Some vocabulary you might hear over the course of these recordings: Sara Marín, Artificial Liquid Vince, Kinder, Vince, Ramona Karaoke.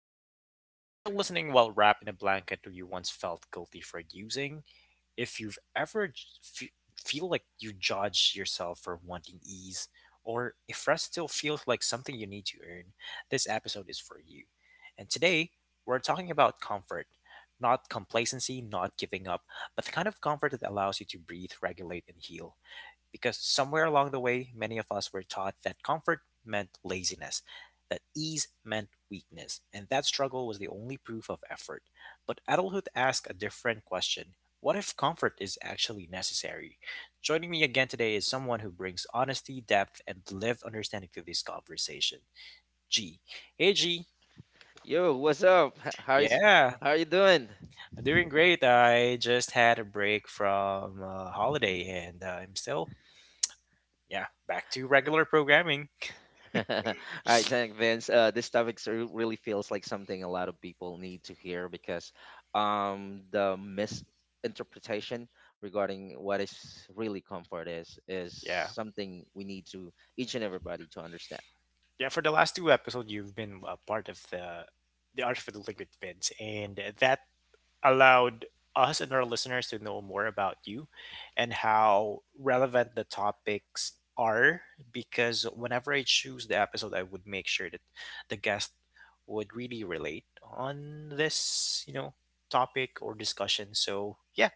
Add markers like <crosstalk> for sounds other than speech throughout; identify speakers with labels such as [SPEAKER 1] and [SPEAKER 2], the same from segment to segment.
[SPEAKER 1] Vince. If you're listening while wrapped in a blanket who you once felt guilty for using, if you've ever feel like you judge yourself for wanting ease, or if rest still feels like something you need to earn, this episode is for you. And today, we're talking about comfort. Not complacency, not giving up, but the kind of comfort that allows you to breathe, regulate, and heal. Because somewhere along the way, many of us were taught that comfort meant laziness, that ease meant weakness, and that struggle was the only proof of effort. But adulthood asks a different question. What if comfort is actually necessary? Joining me again today is someone who brings honesty, depth, and lived understanding to this conversation. G. Hey, G.
[SPEAKER 2] Yo, what's up? How is
[SPEAKER 1] Yeah,
[SPEAKER 2] how are you doing?
[SPEAKER 1] I'm doing great. I just had a break from holiday, and I'm still, yeah, back to regular programming.
[SPEAKER 2] <laughs> All right, thank Vince. This topic really feels like something a lot of people need to hear because the misinterpretation regarding what is really comfort is
[SPEAKER 1] Yeah.
[SPEAKER 2] something we need to each and everybody to understand.
[SPEAKER 1] Yeah, for the last two episodes, you've been a part of the Artificial Liquid Vince, and that allowed us and our listeners to know more about you and how relevant the topics are. Because whenever I choose the episode, I would make sure that the guest would really relate on this, you know, topic or discussion. So yeah,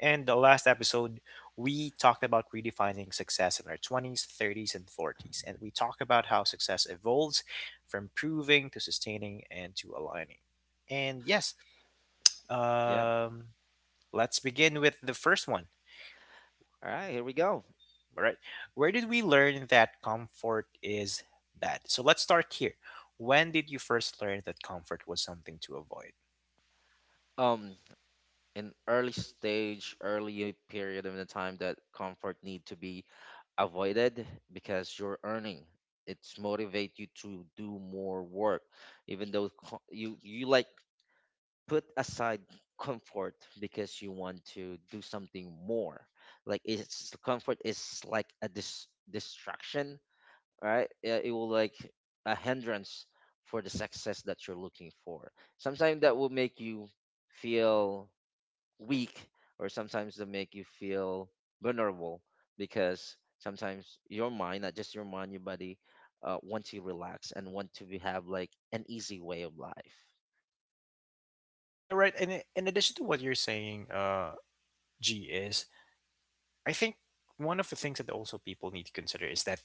[SPEAKER 1] and the last episode, we talked about redefining success in our 20s, 30s, and 40s. And we talked about how success evolves from proving to sustaining and to aligning. And yes,
[SPEAKER 2] Yeah.
[SPEAKER 1] um, let's begin with the first one.
[SPEAKER 2] All right, here we go.
[SPEAKER 1] All right. Where did we learn that comfort is bad? So let's start here. When did you first learn that comfort was something to avoid?
[SPEAKER 2] Um, an early stage, early period of the time that comfort need to be avoided because you're earning. It's motivate you to do more work, even though you like put aside comfort because you want to do something more. Like it's comfort is like a distraction, right? Yeah, it will like a hindrance for the success that you're looking for. Sometimes that will make you feel weak, or sometimes they make you feel vulnerable because sometimes your mind, not just your mind, your body want to relax and want to be, have like an easy way of life.
[SPEAKER 1] Yeah, right. And in addition to what you're saying, G, is I think one of the things that also people need to consider is that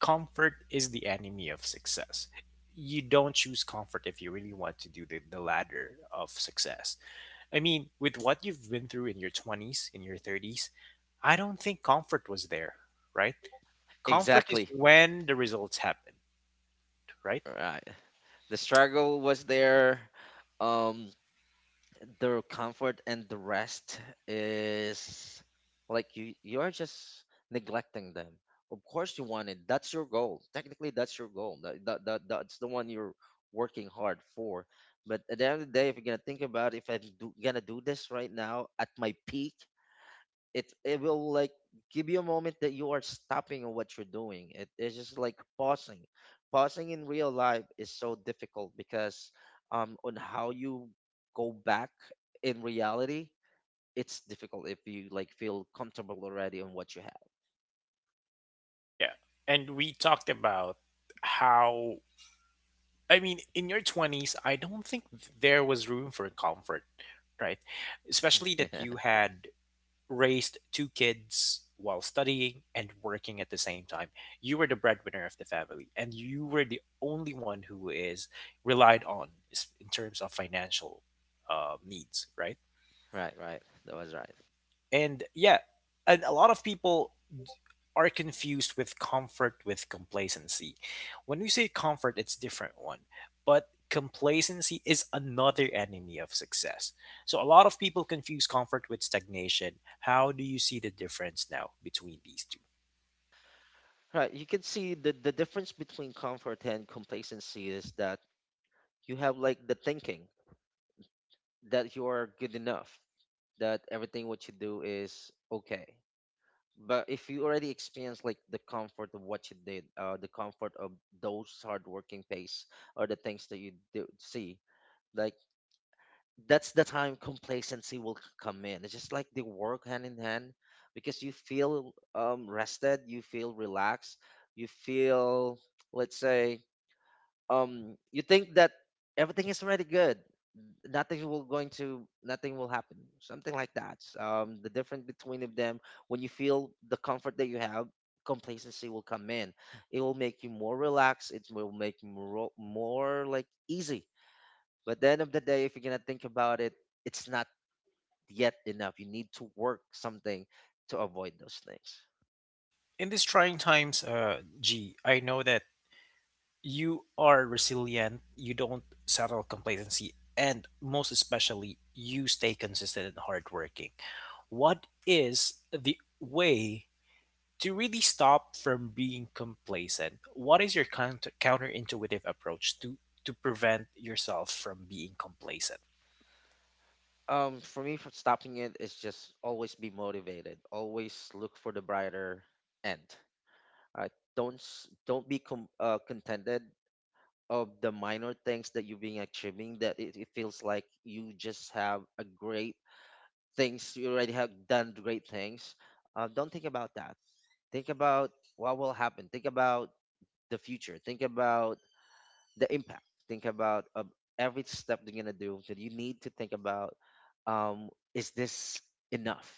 [SPEAKER 1] comfort is the enemy of success. You don't choose comfort if you really want to do the ladder of success. I mean, with what you've been through in your 20s, in your 30s, I don't think comfort was there, right? Comfort
[SPEAKER 2] Exactly.
[SPEAKER 1] is when the results happened, right?
[SPEAKER 2] Right, the struggle was there. um their comfort and the rest is like you are just neglecting them. Of course you want it, that's your goal, technically that's your goal, that's the one you're working hard for. But at the end of the day, if you're gonna think about, if gonna do this right now at my peak, it will like give you a moment that you are stopping on what you're doing. It is just like pausing. Pausing in real life is so difficult because on how you go back in reality, it's difficult if you like feel comfortable already on what you have.
[SPEAKER 1] Yeah. And we talked about how, I mean, in your 20s, I don't think there was room for comfort, right? Especially that you
[SPEAKER 2] <laughs>
[SPEAKER 1] had raised two kids while studying and working at the same time. You were the breadwinner of the family, and you were the only one who is relied on in terms of financial needs, right?
[SPEAKER 2] Right, right. That was right.
[SPEAKER 1] And yeah, and a lot of people are confused with comfort with complacency. When we say comfort, it's different one, but complacency is another enemy of success. So a lot of people confuse comfort with stagnation. How do you see the difference now between these two?
[SPEAKER 2] Right. You can see the difference between comfort and complacency is that you have like the thinking that you are good enough, that everything what you do is okay. But if you already experience like the comfort of what you did, the comfort of those hardworking pace or the things that you do see, like that's the time complacency will come in. It's just like they work hand in hand because you feel rested, you feel relaxed, you feel, let's say, you think that everything is already good, nothing will going to, nothing will happen, something like that. The difference between of them, when you feel the comfort that you have, complacency will come in, it will make you more relaxed, it will make you more like easy. But the end of the day, if you're gonna think about it, it's not yet enough, you need to work something to avoid those things.
[SPEAKER 1] In these trying times, G, I know that you are resilient. You don't settle complacency, and most especially, you stay consistent and hardworking. What is the way? To really stop from being complacent, what is your counterintuitive approach to prevent yourself from being complacent?
[SPEAKER 2] For me, for stopping it, is just always be motivated, always look for the brighter end. Uh, don't don't be contented of the minor things that you've been achieving. That it feels like you just have a great things. You already have done great things. Don't think about that. Think about what will happen. Think about the future. Think about the impact. Think about of every step you're gonna do. That you need to think about. Um, is this enough?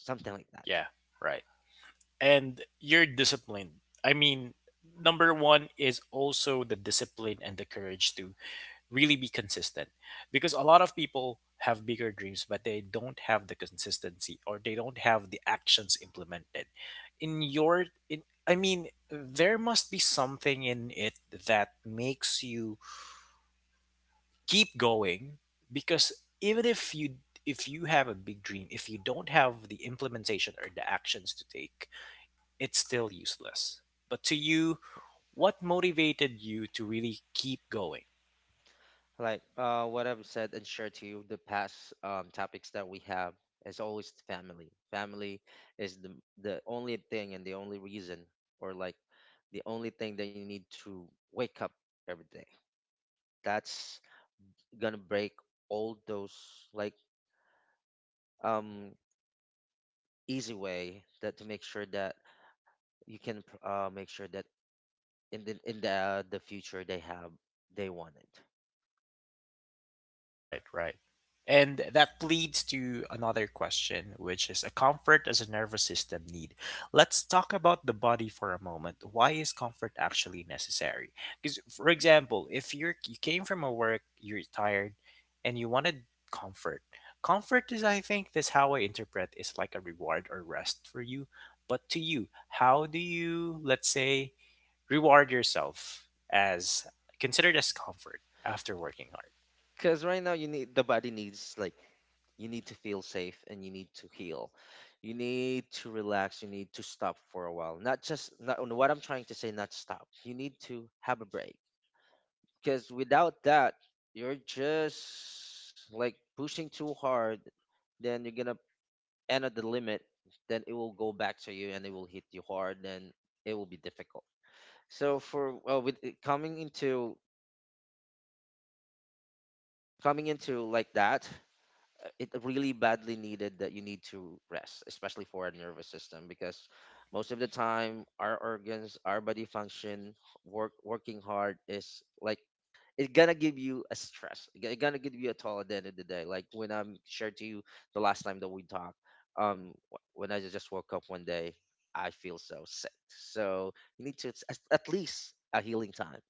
[SPEAKER 2] Something like that.
[SPEAKER 1] Yeah, right. And you're disciplined. I mean, number one is also the discipline and the courage to really be consistent, because a lot of people have bigger dreams but they don't have the consistency or they don't have the actions implemented in your in I mean, there must be something in it that makes you keep going, because even if you have a big dream, if you don't have the implementation or the actions to take, it's still useless. But to you, what motivated you to really keep going?
[SPEAKER 2] Like what I've said and shared to you the past topics that we have is always family. Family is the only thing and the only reason, or like the only thing that you need to wake up every day. That's gonna break all those like um easy way, that to make sure that you can make sure that in the the future they have they want it.
[SPEAKER 1] Right, right. And that leads to another question, which is a comfort as a nervous system need. Let's talk about the body for a moment. Why is comfort actually necessary? Because, for example, if you came from a work, you're tired, and you wanted comfort. Comfort is, I think, this how I interpret is like a reward or rest for you. But to you, how do you, let's say, reward yourself as considered as comfort after working hard?
[SPEAKER 2] Because right now you need, the body needs like, you need to feel safe and you need to heal. You need to relax. You need to stop for a while. Not just, not what I'm trying to say. Not stop. You need to have a break. Because without that, you're just like pushing too hard. Then you're gonna end at the limit. Then it will go back to you and it will hit you hard. Then it will be difficult. So for, well, with it coming into, coming into like that, it really badly needed that you need to rest, especially for our nervous system, because most of the time our organs, our body function, work working hard is like, it's gonna give you a stress. It's gonna give you a toll at the end of the day. Like when I'm shared to you the last time that we talked, when I just woke up one day, I feel so sick. So you need to, it's at least a healing time.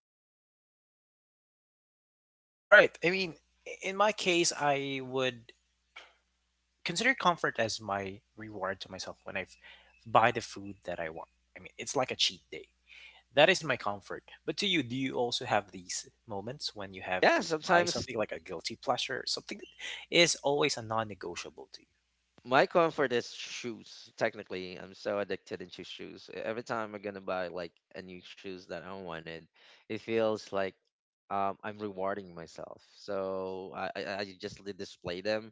[SPEAKER 1] Right. I mean, in my case, I would consider comfort as my reward to myself when buy the food that I want. I mean, it's like a cheat day. That is my comfort. But to you, do you also have these moments when you have
[SPEAKER 2] Yeah,
[SPEAKER 1] to buy
[SPEAKER 2] sometimes.
[SPEAKER 1] something like a guilty pleasure, something that is always a non negotiable to you?
[SPEAKER 2] My comfort is shoes. Technically, I'm so addicted into shoes. Every time I'm gonna buy like a new shoes that I wanted, it feels like, I'm rewarding myself. So I just display them.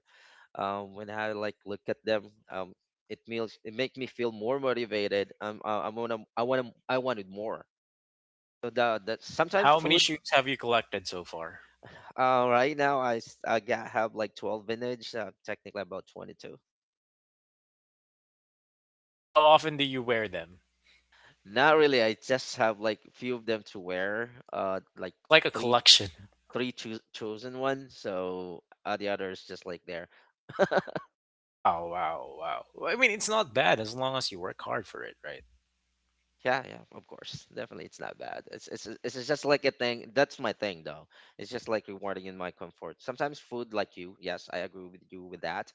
[SPEAKER 2] When I like look at them, it feels, it make me feel more motivated. I'm wanna I wanted more. So that that sometimes
[SPEAKER 1] How many
[SPEAKER 2] food.
[SPEAKER 1] shoes have you collected so far?
[SPEAKER 2] Right now I have like 12 vintage. Technically about 22.
[SPEAKER 1] And how often do you wear them?
[SPEAKER 2] Not really. I just have like a few of them to wear. Like
[SPEAKER 1] It's like a
[SPEAKER 2] three,
[SPEAKER 1] collection.
[SPEAKER 2] chosen ones. So the others just like there. <laughs>
[SPEAKER 1] Wow, wow, wow. Well, I mean, it's not bad as long as you work hard for it, right?
[SPEAKER 2] Yeah, yeah, of course. Definitely, it's not bad. It's just like a thing. That's my thing, though. It's just like rewarding in my comfort. Sometimes food, like you, yes, I agree with you with that.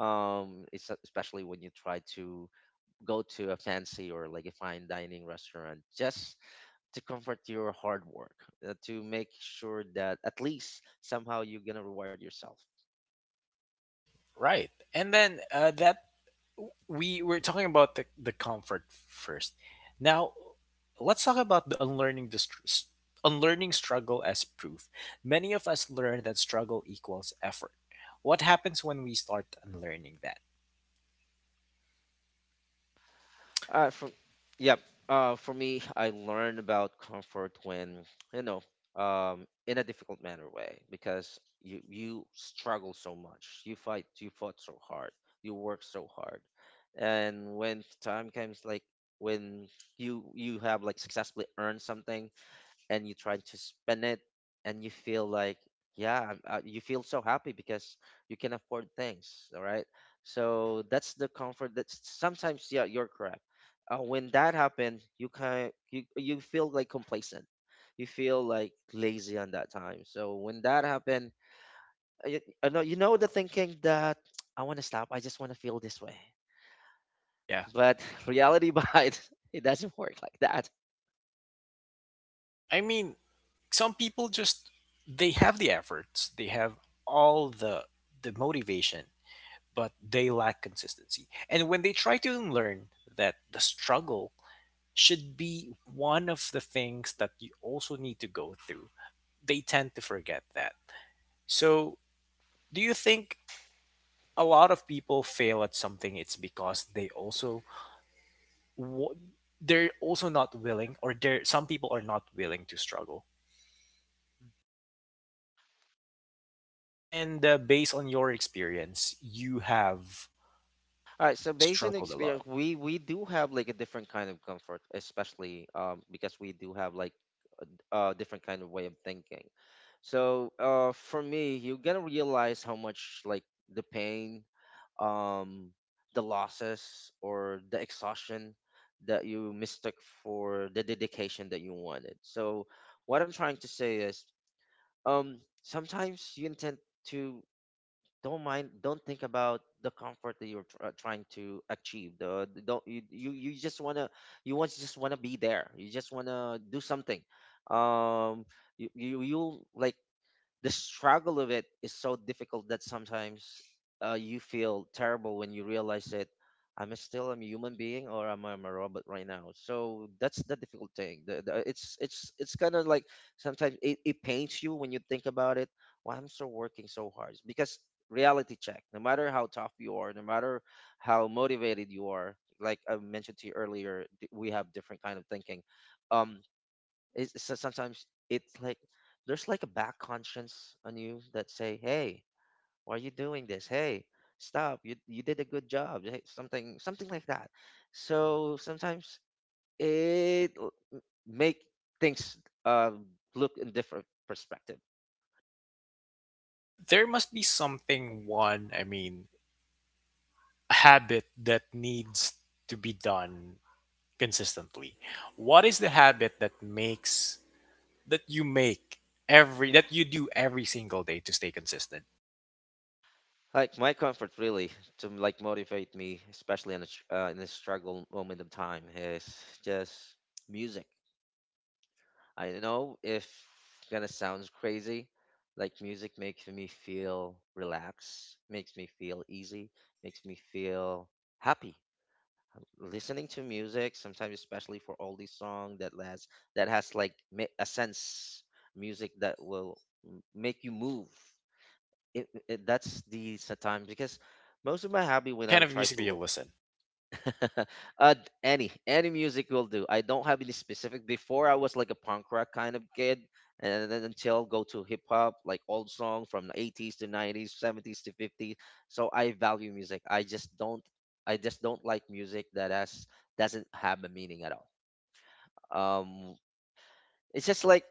[SPEAKER 2] It's especially when you try to go to a fancy or like a fine dining restaurant. Just to comfort your hard work, to make sure that at least somehow you're gonna reward yourself.
[SPEAKER 1] Right. And then that we were talking about the comfort first. Now, let's talk about the unlearning unlearning struggle as proof. Many of us learn that struggle equals effort. What happens when we start unlearning that?
[SPEAKER 2] Uh, from yeah, for me, I learned about comfort when, you know, in a difficult manner way, because you struggle so much, you fight, you fought so hard, you work so hard, and when time comes, like when you have like successfully earned something and you try to spend it and you feel like, yeah, you feel so happy because you can afford things, all right? So that's the comfort, that's sometimes, yeah you're correct. When that happens, you kind, you feel like complacent, you feel like lazy on that time. So when that happened, you, you know the thinking that, <tsk> I want to stop, I just want to feel this way.
[SPEAKER 1] Yeah.
[SPEAKER 2] But <laughs> reality behind, it doesn't work like that.
[SPEAKER 1] I mean, some people just they have the efforts, they have all the motivation, but they lack consistency. And when they try to unlearn that, the struggle should be one of the things that you also need to go through. They tend to forget that. So, do you think a lot of people fail at something it's because they also wa- they're also not willing, or there some people are not willing to struggle. And based on your experience, you have
[SPEAKER 2] All right, so based on
[SPEAKER 1] struggled a lot.
[SPEAKER 2] experience, we do have like a different kind of comfort, especially because we do have like a different kind of way of thinking. So for me, you're gonna realize how much like the pain, um, the losses or the exhaustion that you mistook for the dedication that you wanted. So what I'm trying to say is, sometimes you intend to, don't mind, don't think about the comfort that you're trying to achieve, don't you, you just want to, you want, just want to be there, you just want to do something. um you like, the struggle of it is so difficult that sometimes you feel terrible when you realize that, I'm still a human being, or am I, am a robot right now? So that's the difficult thing. It's it's kind of like sometimes it pains you when you think about it. Why I'm so working so hard? Because reality check. No matter how tough you are, no matter how motivated you are, like I mentioned to you earlier, we have different kind of thinking. Um, it's sometimes it's like there's like a back conscience on you that say, hey, why are you doing this, hey, stop, you did a good job, eh, something like that. So sometimes it make things uh look in different perspective.
[SPEAKER 1] There must be something one, I mean, habit that needs to be done consistently. What is the habit that makes that you make every that you do every single day to stay consistent?
[SPEAKER 2] Like my comfort really to like motivate me, especially in a, in a struggle moment of time, is just music. I don't know if it's gonna sounds crazy. Like music makes me feel relaxed, makes me feel easy, makes me feel happy. Listening to music sometimes, especially for oldies song that has, like a sense, music that will make you move. It, that's the time because most of my hobby
[SPEAKER 1] What
[SPEAKER 2] when
[SPEAKER 1] kind
[SPEAKER 2] I'm
[SPEAKER 1] of
[SPEAKER 2] trying
[SPEAKER 1] music do you
[SPEAKER 2] to,
[SPEAKER 1] listen?
[SPEAKER 2] <laughs> uh, any music will do. I don't have any specific. Before I was like a punk rock kind of kid, and then until go to hip hop, like old songs from the 80s to 90s, 70s to 50s. So I value music. I just don't. I just don't like music that has, doesn't have a meaning at all. Um, it's just like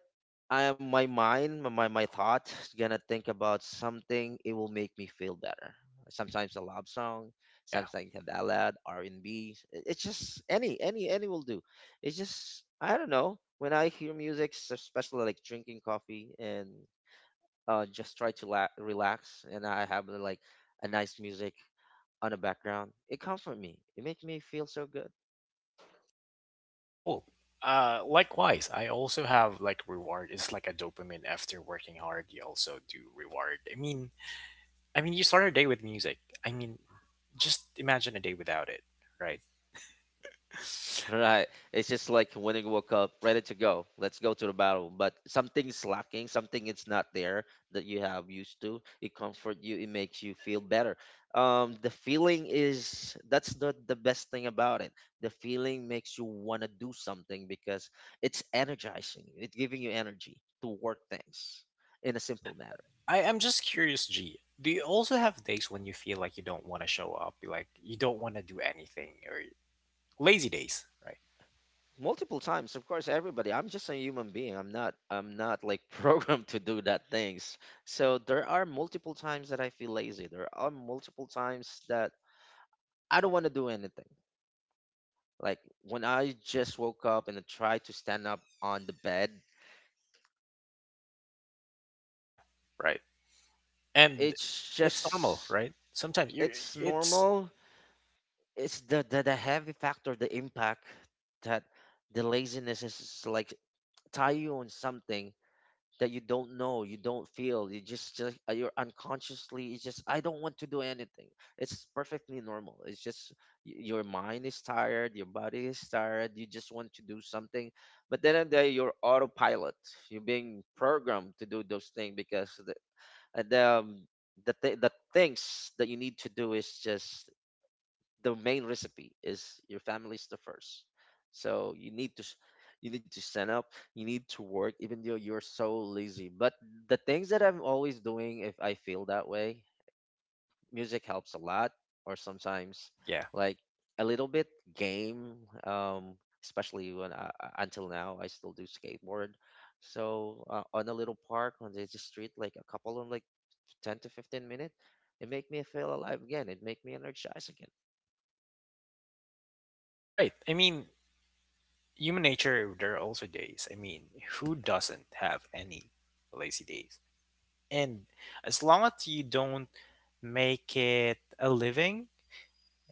[SPEAKER 2] I, my mind, my thought is gonna think about something. It will make me feel better. Sometimes a love song,
[SPEAKER 1] Yeah,
[SPEAKER 2] sometimes a ballad, R and B. It's just any will do. It's just I don't know. When I hear music, especially like drinking coffee and just try to relax, and I have like a nice music on the background, it comforts me. It makes me feel so good.
[SPEAKER 1] cool. Likewise, I also have like reward. It's like a dopamine after working hard. You also do reward. I mean, you start your day with music. I mean, just imagine a day without it, right?
[SPEAKER 2] Right. It's just like when you woke up, ready to go. Let's go to the battle. But something's lacking, something it's not there that you have used to. It comfort you, it makes you feel better. The feeling is that's the best thing about it. The feeling makes you wanna do something because it's energizing. It's giving you energy to work things in a simple manner.
[SPEAKER 1] I am just curious, G. Do you also have days when you feel like you don't want to show up, like you don't want to do anything, or lazy days, right?
[SPEAKER 2] Multiple times, of course, everybody. I'm just a human being. I'm not like <laughs> programmed to do that things. So there are multiple times that I feel lazy. There are multiple times that I don't want to do anything, like when I just woke up and I tried to stand up on the bed.
[SPEAKER 1] Yeah, right. And
[SPEAKER 2] It's
[SPEAKER 1] it's normal,
[SPEAKER 2] just
[SPEAKER 1] right? Sometimes you are.
[SPEAKER 2] it's
[SPEAKER 1] It's
[SPEAKER 2] normal. It's the heavy factor, the impact that the laziness is like tie you on something that you don't know, you don't feel, you just, you're unconsciously. It's just I don't want to do anything. It's perfectly normal. It's just your mind is tired, your body is tired. You just want to do something, but then and there you're autopilot. You're being programmed to do those things because uh, the um, the things that you need to do is just the main recipe is your family's the first. So you need to you need to stand up, you need to work even though you're so lazy. But the things that I'm always doing if I feel that way, music helps a lot, or sometimes
[SPEAKER 1] yeah,
[SPEAKER 2] like a little bit game, um especially when until now I still do skateboard. So on a little park on the street like a couple of like 10 to 15 minutes, it make me feel alive again. It make me energized again.
[SPEAKER 1] right. I mean, human nature, there are also days. I mean, who doesn't have any lazy days? And as long as you don't make it a living,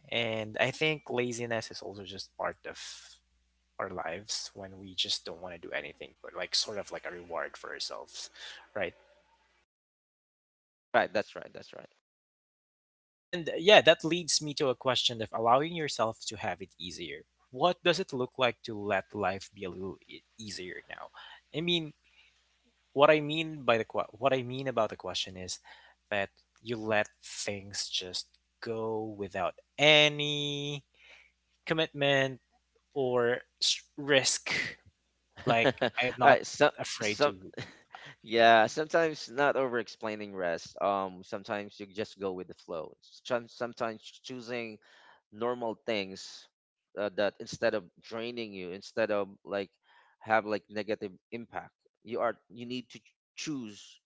[SPEAKER 1] and I think laziness is also just part of our lives when we just don't want to do anything but like sort of like a reward for ourselves, right?
[SPEAKER 2] Right, that's right, that's right.
[SPEAKER 1] And yeah, that leads me to a question of allowing yourself to have it easier. What does it look like to let life be a little easier now? I mean, what I mean by what I mean about the question is that you let things just go without any commitment or risk.
[SPEAKER 2] <laughs>
[SPEAKER 1] Like
[SPEAKER 2] All
[SPEAKER 1] I'm not
[SPEAKER 2] right, so
[SPEAKER 1] afraid
[SPEAKER 2] some
[SPEAKER 1] to.
[SPEAKER 2] <laughs>
[SPEAKER 1] Yeah,
[SPEAKER 2] yeah, sometimes not over explaining rest. Sometimes you just go with the flow. Sometimes choosing normal things that instead of draining you, instead of like have like negative impact, you are you need to choose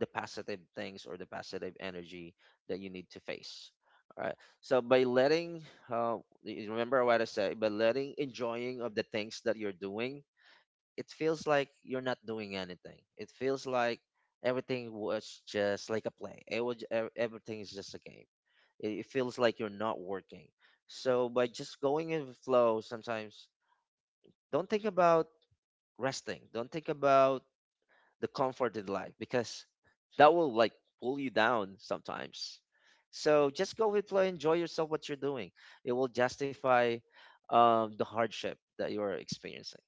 [SPEAKER 2] the positive things or the positive energy that you need to face. All right. So by letting remember what I said, by letting enjoying of the things that you're doing, it feels like you're not doing anything. It feels like everything was just like a play. It was everything is just a game. It feels like you're not working. So by just going in the flow, sometimes don't think about resting. Don't think about the comfort in life because that will like pull you down sometimes. So just go with flow. Enjoy yourself. What you're doing, it will justify the hardship that you are experiencing.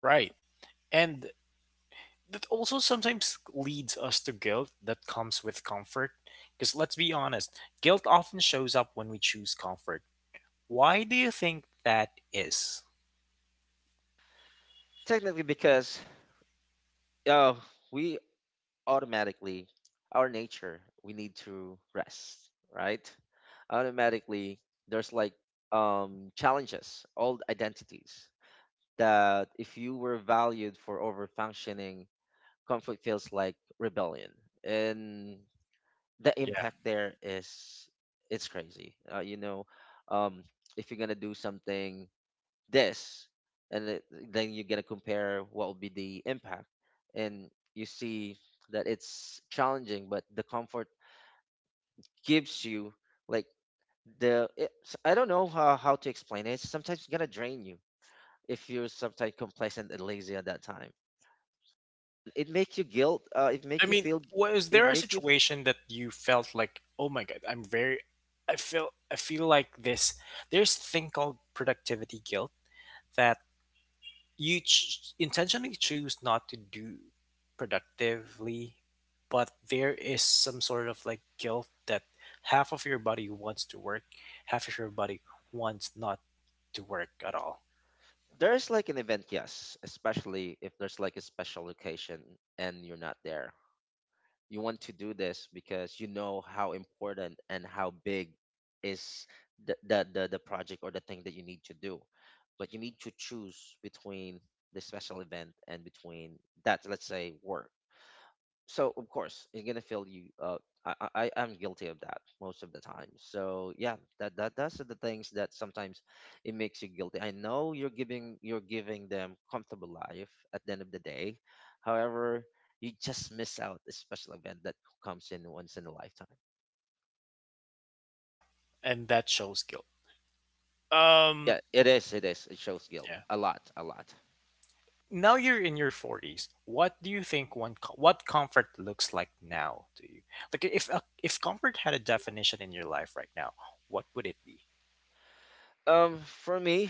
[SPEAKER 1] right. And that also sometimes leads us to guilt that comes with comfort. Because let's be honest, guilt often shows up when we choose comfort. Why do you think that is?
[SPEAKER 2] Technically, because uh, we automatically our nature we need to rest, right? Automatically, there's like challenges old identities that if you were valued for over functioning, comfort feels like rebellion. And the
[SPEAKER 1] Yeah.
[SPEAKER 2] impact there is it's crazy. You know, um if you're gonna do something this and it, then you're going to compare what will be the impact. And you see that it's challenging, but the comfort gives you like the it's, I don't know how to explain it. Sometimes it's going to drain you if you're sometimes complacent and lazy. At that time, it makes you guilt. It
[SPEAKER 1] I
[SPEAKER 2] make you
[SPEAKER 1] mean,
[SPEAKER 2] feel,
[SPEAKER 1] was
[SPEAKER 2] it
[SPEAKER 1] there a
[SPEAKER 2] make you,
[SPEAKER 1] situation that you felt like, oh my god, I'm very, I feel like this. There's a thing called productivity guilt, that you intentionally choose not to do productively, but there is some sort of like guilt that half of your body wants to work, half of your body wants not to work at all.
[SPEAKER 2] there's like an event. Yes, especially if there's like a special occasion and you're not there. You want to do this because you know how important and how big is the project or the thing that you need to do. But you need to choose between the special event and between that, let's say, work. So of course it's gonna feel you. I, I I am guilty of that most of the time. So yeah, that that's the things that sometimes it makes you guilty. I know you're giving, you're giving them comfortable life at the end of the day. However, you just miss out a special event that comes in once in a lifetime.
[SPEAKER 1] Yeah, and that shows guilt. Um,
[SPEAKER 2] Yeah, it is, it is. It shows guilt
[SPEAKER 1] yeah,
[SPEAKER 2] a lot, a lot.
[SPEAKER 1] now you're in your 40s, what do you think what comfort looks like now to you, like if comfort had a definition in your life right now, what would it be?
[SPEAKER 2] For me,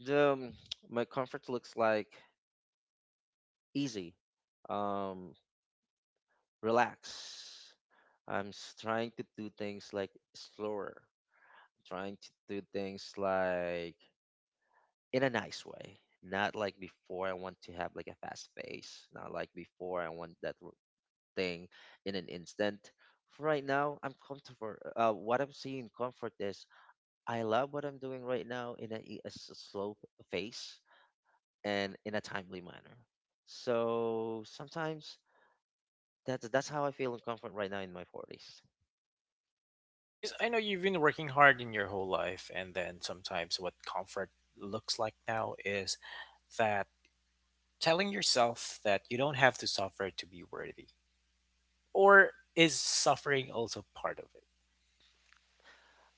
[SPEAKER 2] the my comfort looks like easy, um relax. Trying to do things like slower, trying to do things like in a nice way. Not like before, I want to have like a fast pace. Not like before, I want that thing in an instant. Right now, I'm comfortable. What I'm seeing comfort is I love what I'm doing right now in a, slow pace and in a timely manner. So sometimes that's how I feel in comfort right now in my 40s.
[SPEAKER 1] Because I know you've been working hard in your whole life, and then sometimes what comfort looks like now is that telling yourself that you don't have to suffer to be worthy. Or is suffering also part of it?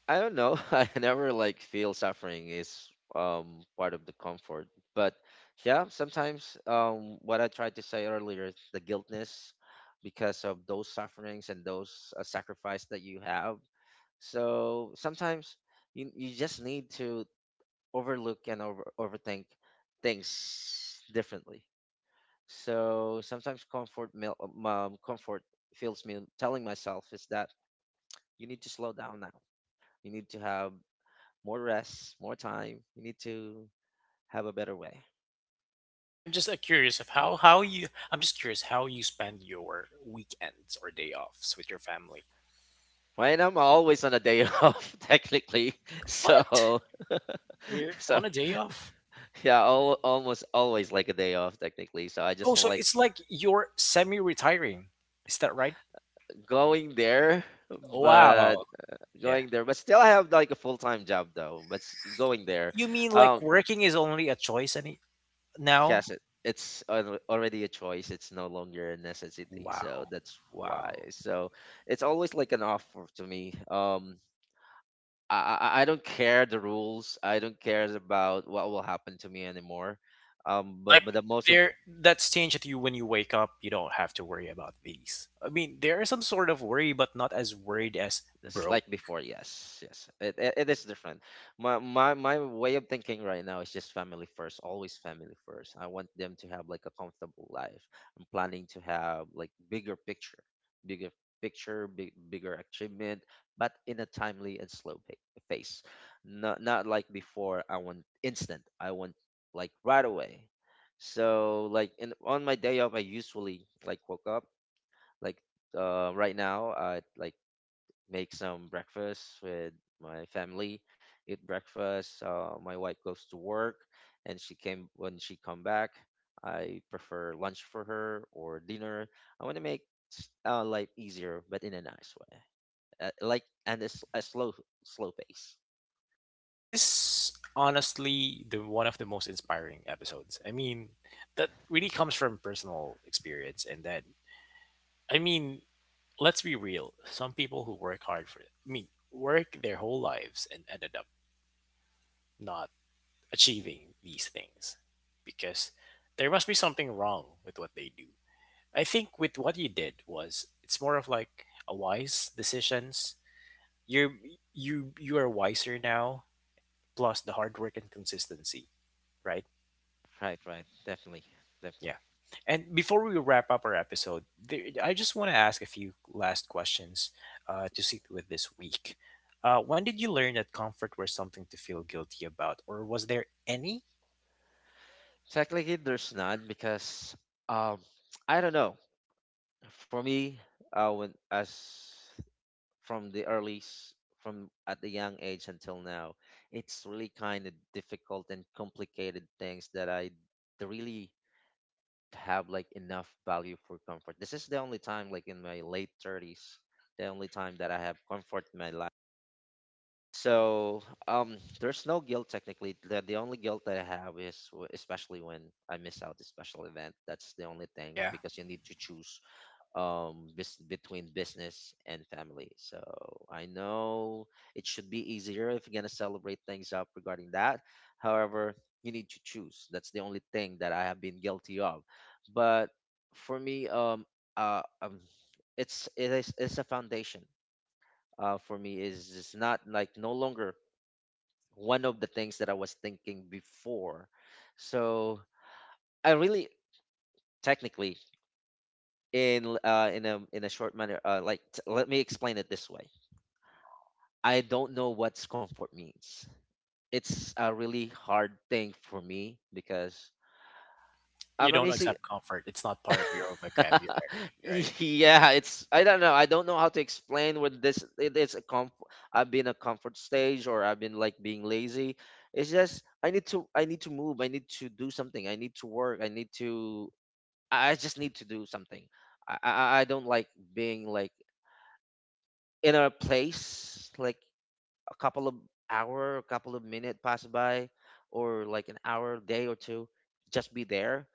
[SPEAKER 2] I don't know. <laughs> I never like feel suffering is part of the comfort. But yeah, sometimes what I tried to say earlier, the guiltness because of those sufferings and those sacrifice that you have. So sometimes you just need to overlook and overthink things differently. So sometimes comfort feels me telling myself is that you need to slow down now. You need to have more rest, more time. You need to have a better way.
[SPEAKER 1] I'm just curious of how you I'm just curious how you spend your weekends or day offs with your family.
[SPEAKER 2] Right now, I'm always on a day <laughs> off, technically.
[SPEAKER 1] What?
[SPEAKER 2] So,
[SPEAKER 1] You're
[SPEAKER 2] <laughs> so
[SPEAKER 1] on a day off?
[SPEAKER 2] yeah, almost always like a day off, technically. So I
[SPEAKER 1] Oh,
[SPEAKER 2] just
[SPEAKER 1] so
[SPEAKER 2] like
[SPEAKER 1] it's like you're semi-retiring. Is that right?
[SPEAKER 2] going there, but
[SPEAKER 1] Wow. Yeah.
[SPEAKER 2] going there, but still I have like a full time job though. Going there,
[SPEAKER 1] You mean like
[SPEAKER 2] um,
[SPEAKER 1] working is only a choice any now?
[SPEAKER 2] yes, it's already a choice. It's no longer a necessity. So
[SPEAKER 1] Wow.
[SPEAKER 2] that's why.
[SPEAKER 1] Wow.
[SPEAKER 2] So it's always like an offer to me. I don't care the rules. I don't care about what will happen to me anymore.
[SPEAKER 1] Like
[SPEAKER 2] But the most.
[SPEAKER 1] there that's changed that you when you wake up, you don't have to worry about these. I mean, there is some sort of worry, but not as worried as
[SPEAKER 2] It's
[SPEAKER 1] broke.
[SPEAKER 2] like before, yes, yes. It is different. My way of thinking right now is just family first, always family first. I want them to have like a comfortable life. I'm planning to have like bigger picture, bigger bigger achievement, but in a timely and slow pace. Not like before. I want instant. I want like right away. So like in on my day off, I usually like woke up like right now at like make some breakfast with my family, eat breakfast. My wife goes to work, and she came when she come back, I prefer lunch for her or dinner. I want to make life easier, but in a nice way, like and a slow pace.
[SPEAKER 1] This is honestly the one of the most inspiring episodes. I mean, that really comes from personal experience and then I mean, let's be real. Some people who work hard for I mean, work their whole lives and ended up not achieving these things, because there must be something wrong with what they do. I think with what you did was it's more of like a wise decisions. You are you are wiser now, plus the hard work and consistency, right?
[SPEAKER 2] Right, right, definitely,
[SPEAKER 1] Yeah.
[SPEAKER 2] definitely.
[SPEAKER 1] And before we wrap up our episode, there, I just want to ask a few last questions to sit with this week. When did you learn that comfort was something to feel guilty about, or was there any?
[SPEAKER 2] Technically, there's none because um, <tsk> I don't know. For me, when as from the early s- from at the young age until now, it's really kind of difficult and complicated things that really have like enough value for comfort. This is the only time, like in my late 30s, the only time that I have comfort in my life. So um there's no guilt technically. The only guilt that I have is especially when I miss out a special event. That's the only thing
[SPEAKER 1] Yeah,
[SPEAKER 2] because you need to choose bus between business and family. So I know it should be easier if you're gonna celebrate things up regarding that. However, you need to choose. That's the only thing that I have been guilty of. But for me, uh, um, it's it's a foundation. For me is it's not like no longer one of the things that I was thinking before. So I really technically in a short manner, like let me explain it this way. I don't know what's comfort means. It's a really hard thing for me because
[SPEAKER 1] you
[SPEAKER 2] I'm
[SPEAKER 1] don't
[SPEAKER 2] basically
[SPEAKER 1] accept comfort; it's not part of your vocabulary,
[SPEAKER 2] <laughs>
[SPEAKER 1] right?
[SPEAKER 2] yeah, it's I don't know. I don't know how to explain when this it is a comfort. I've been a comfort stage, or I've been like being lazy. It's just I need to move. I need to do something. I need to work. I need to I just need to do something. I don't like being like in a place like a couple of hour, a couple of minute pass by, or like an hour, day or two, just be there.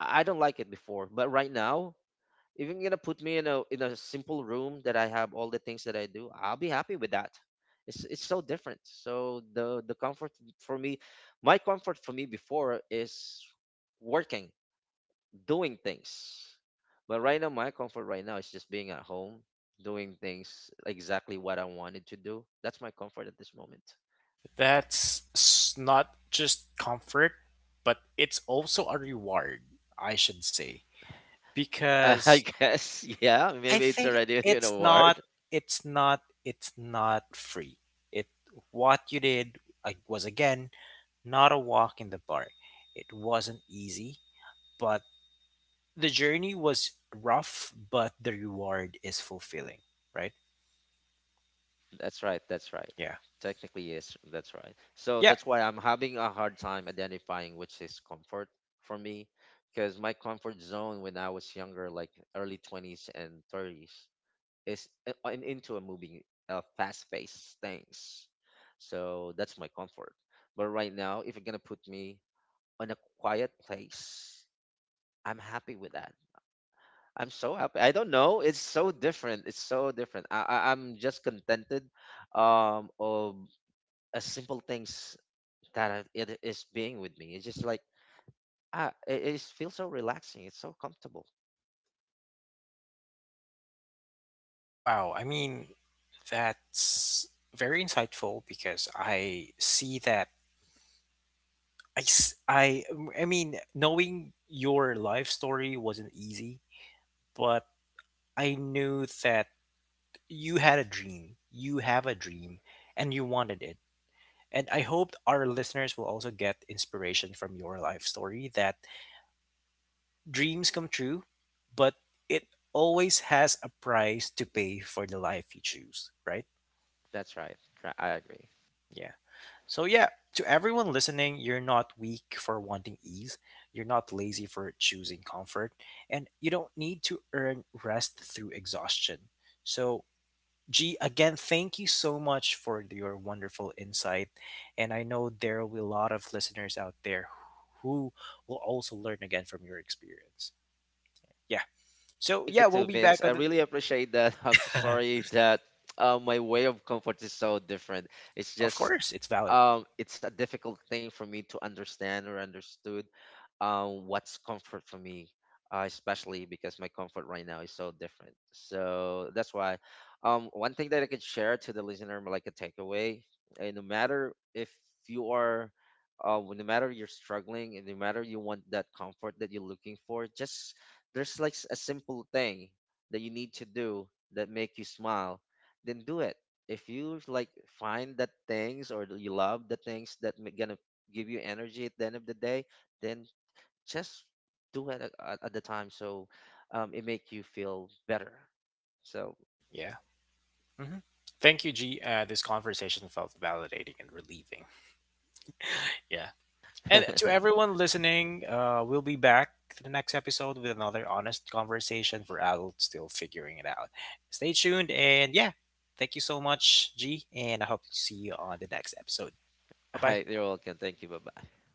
[SPEAKER 2] I don't like it before, but right now, if you're gonna put me in a simple room that I have all the things that I do, I'll be happy with that. It's so different. So the comfort for me, my comfort for me before is working, doing things. But right now, my comfort right now is just being at home, doing things exactly what I wanted to do. That's my comfort at this moment.
[SPEAKER 1] That's not just comfort, but it's also a reward, I should say.
[SPEAKER 2] <laughs> I
[SPEAKER 1] Because
[SPEAKER 2] guess, yeah, maybe
[SPEAKER 1] I
[SPEAKER 2] it's
[SPEAKER 1] think
[SPEAKER 2] already <laughs> an award.
[SPEAKER 1] it's not free. It What you did, I was again, not a walk in the park. It wasn't easy, but the journey was rough, but the reward is fulfilling, right?
[SPEAKER 2] That's right. That's right.
[SPEAKER 1] Yeah.
[SPEAKER 2] Technically, yes, that's right. So
[SPEAKER 1] Yeah.
[SPEAKER 2] that's why I'm having a hard time identifying which is comfort for me, because my comfort zone when I was younger, like early 20s and 30s, is I'm into a moving, fast-paced things. So that's my comfort. But right now, if you're gonna put me on a quiet place, I'm happy with that. I'm so happy. I don't know. It's so different. It's so different. I'm just contented, of a simple things that it is being with me. It's just like ah, it just feels so relaxing. It's so comfortable.
[SPEAKER 1] Wow, I mean, that's very insightful because I see that I, s- I- I mean, knowing your life story wasn't easy, but I knew that you had a dream. You have a dream and you wanted it. And I hope our listeners will also get inspiration from your life story that dreams come true, but it always has a price to pay for the life you choose, right?
[SPEAKER 2] That's right. Right, I agree.
[SPEAKER 1] Yeah. So, yeah, to everyone listening, you're not weak for wanting ease, you're not lazy for choosing comfort, and you don't need to earn rest through exhaustion. So, G, again, thank you so much for your wonderful insight. And I know there will be a lot of listeners out there who will also learn again from your experience. Yeah. So,
[SPEAKER 2] Thank you
[SPEAKER 1] yeah, we'll
[SPEAKER 2] too,
[SPEAKER 1] be
[SPEAKER 2] Vince.
[SPEAKER 1] back
[SPEAKER 2] I
[SPEAKER 1] on the.
[SPEAKER 2] really appreciate that. <laughs> I'm so sorry that my way of comfort is so different. It's
[SPEAKER 1] Of
[SPEAKER 2] just
[SPEAKER 1] course, it's valid.
[SPEAKER 2] it's a difficult thing for me to understand or understood what's comfort for me, especially because my comfort right now is so different. So that's why one thing that I could share to the listener, like a takeaway, eh, no matter if you are, no matter you're struggling, and no matter you want that comfort that you're looking for, just there's like a simple thing that you need to do that make you smile, then do it. If you like find that things, or you love the things that gonna give you energy at the end of the day, then just do it at the time. So it make you feel better. So
[SPEAKER 1] Yeah. Hmm. Thank you, G. This conversation felt validating and relieving. Yeah. And to everyone listening, we'll be back to the next episode with another honest conversation for adults still figuring it out. Stay tuned and yeah, thank you so much, G, and I hope to see you on the next episode. Bye
[SPEAKER 2] <laughs> all right,
[SPEAKER 1] bye.
[SPEAKER 2] you're welcome. Thank you. Bye bye.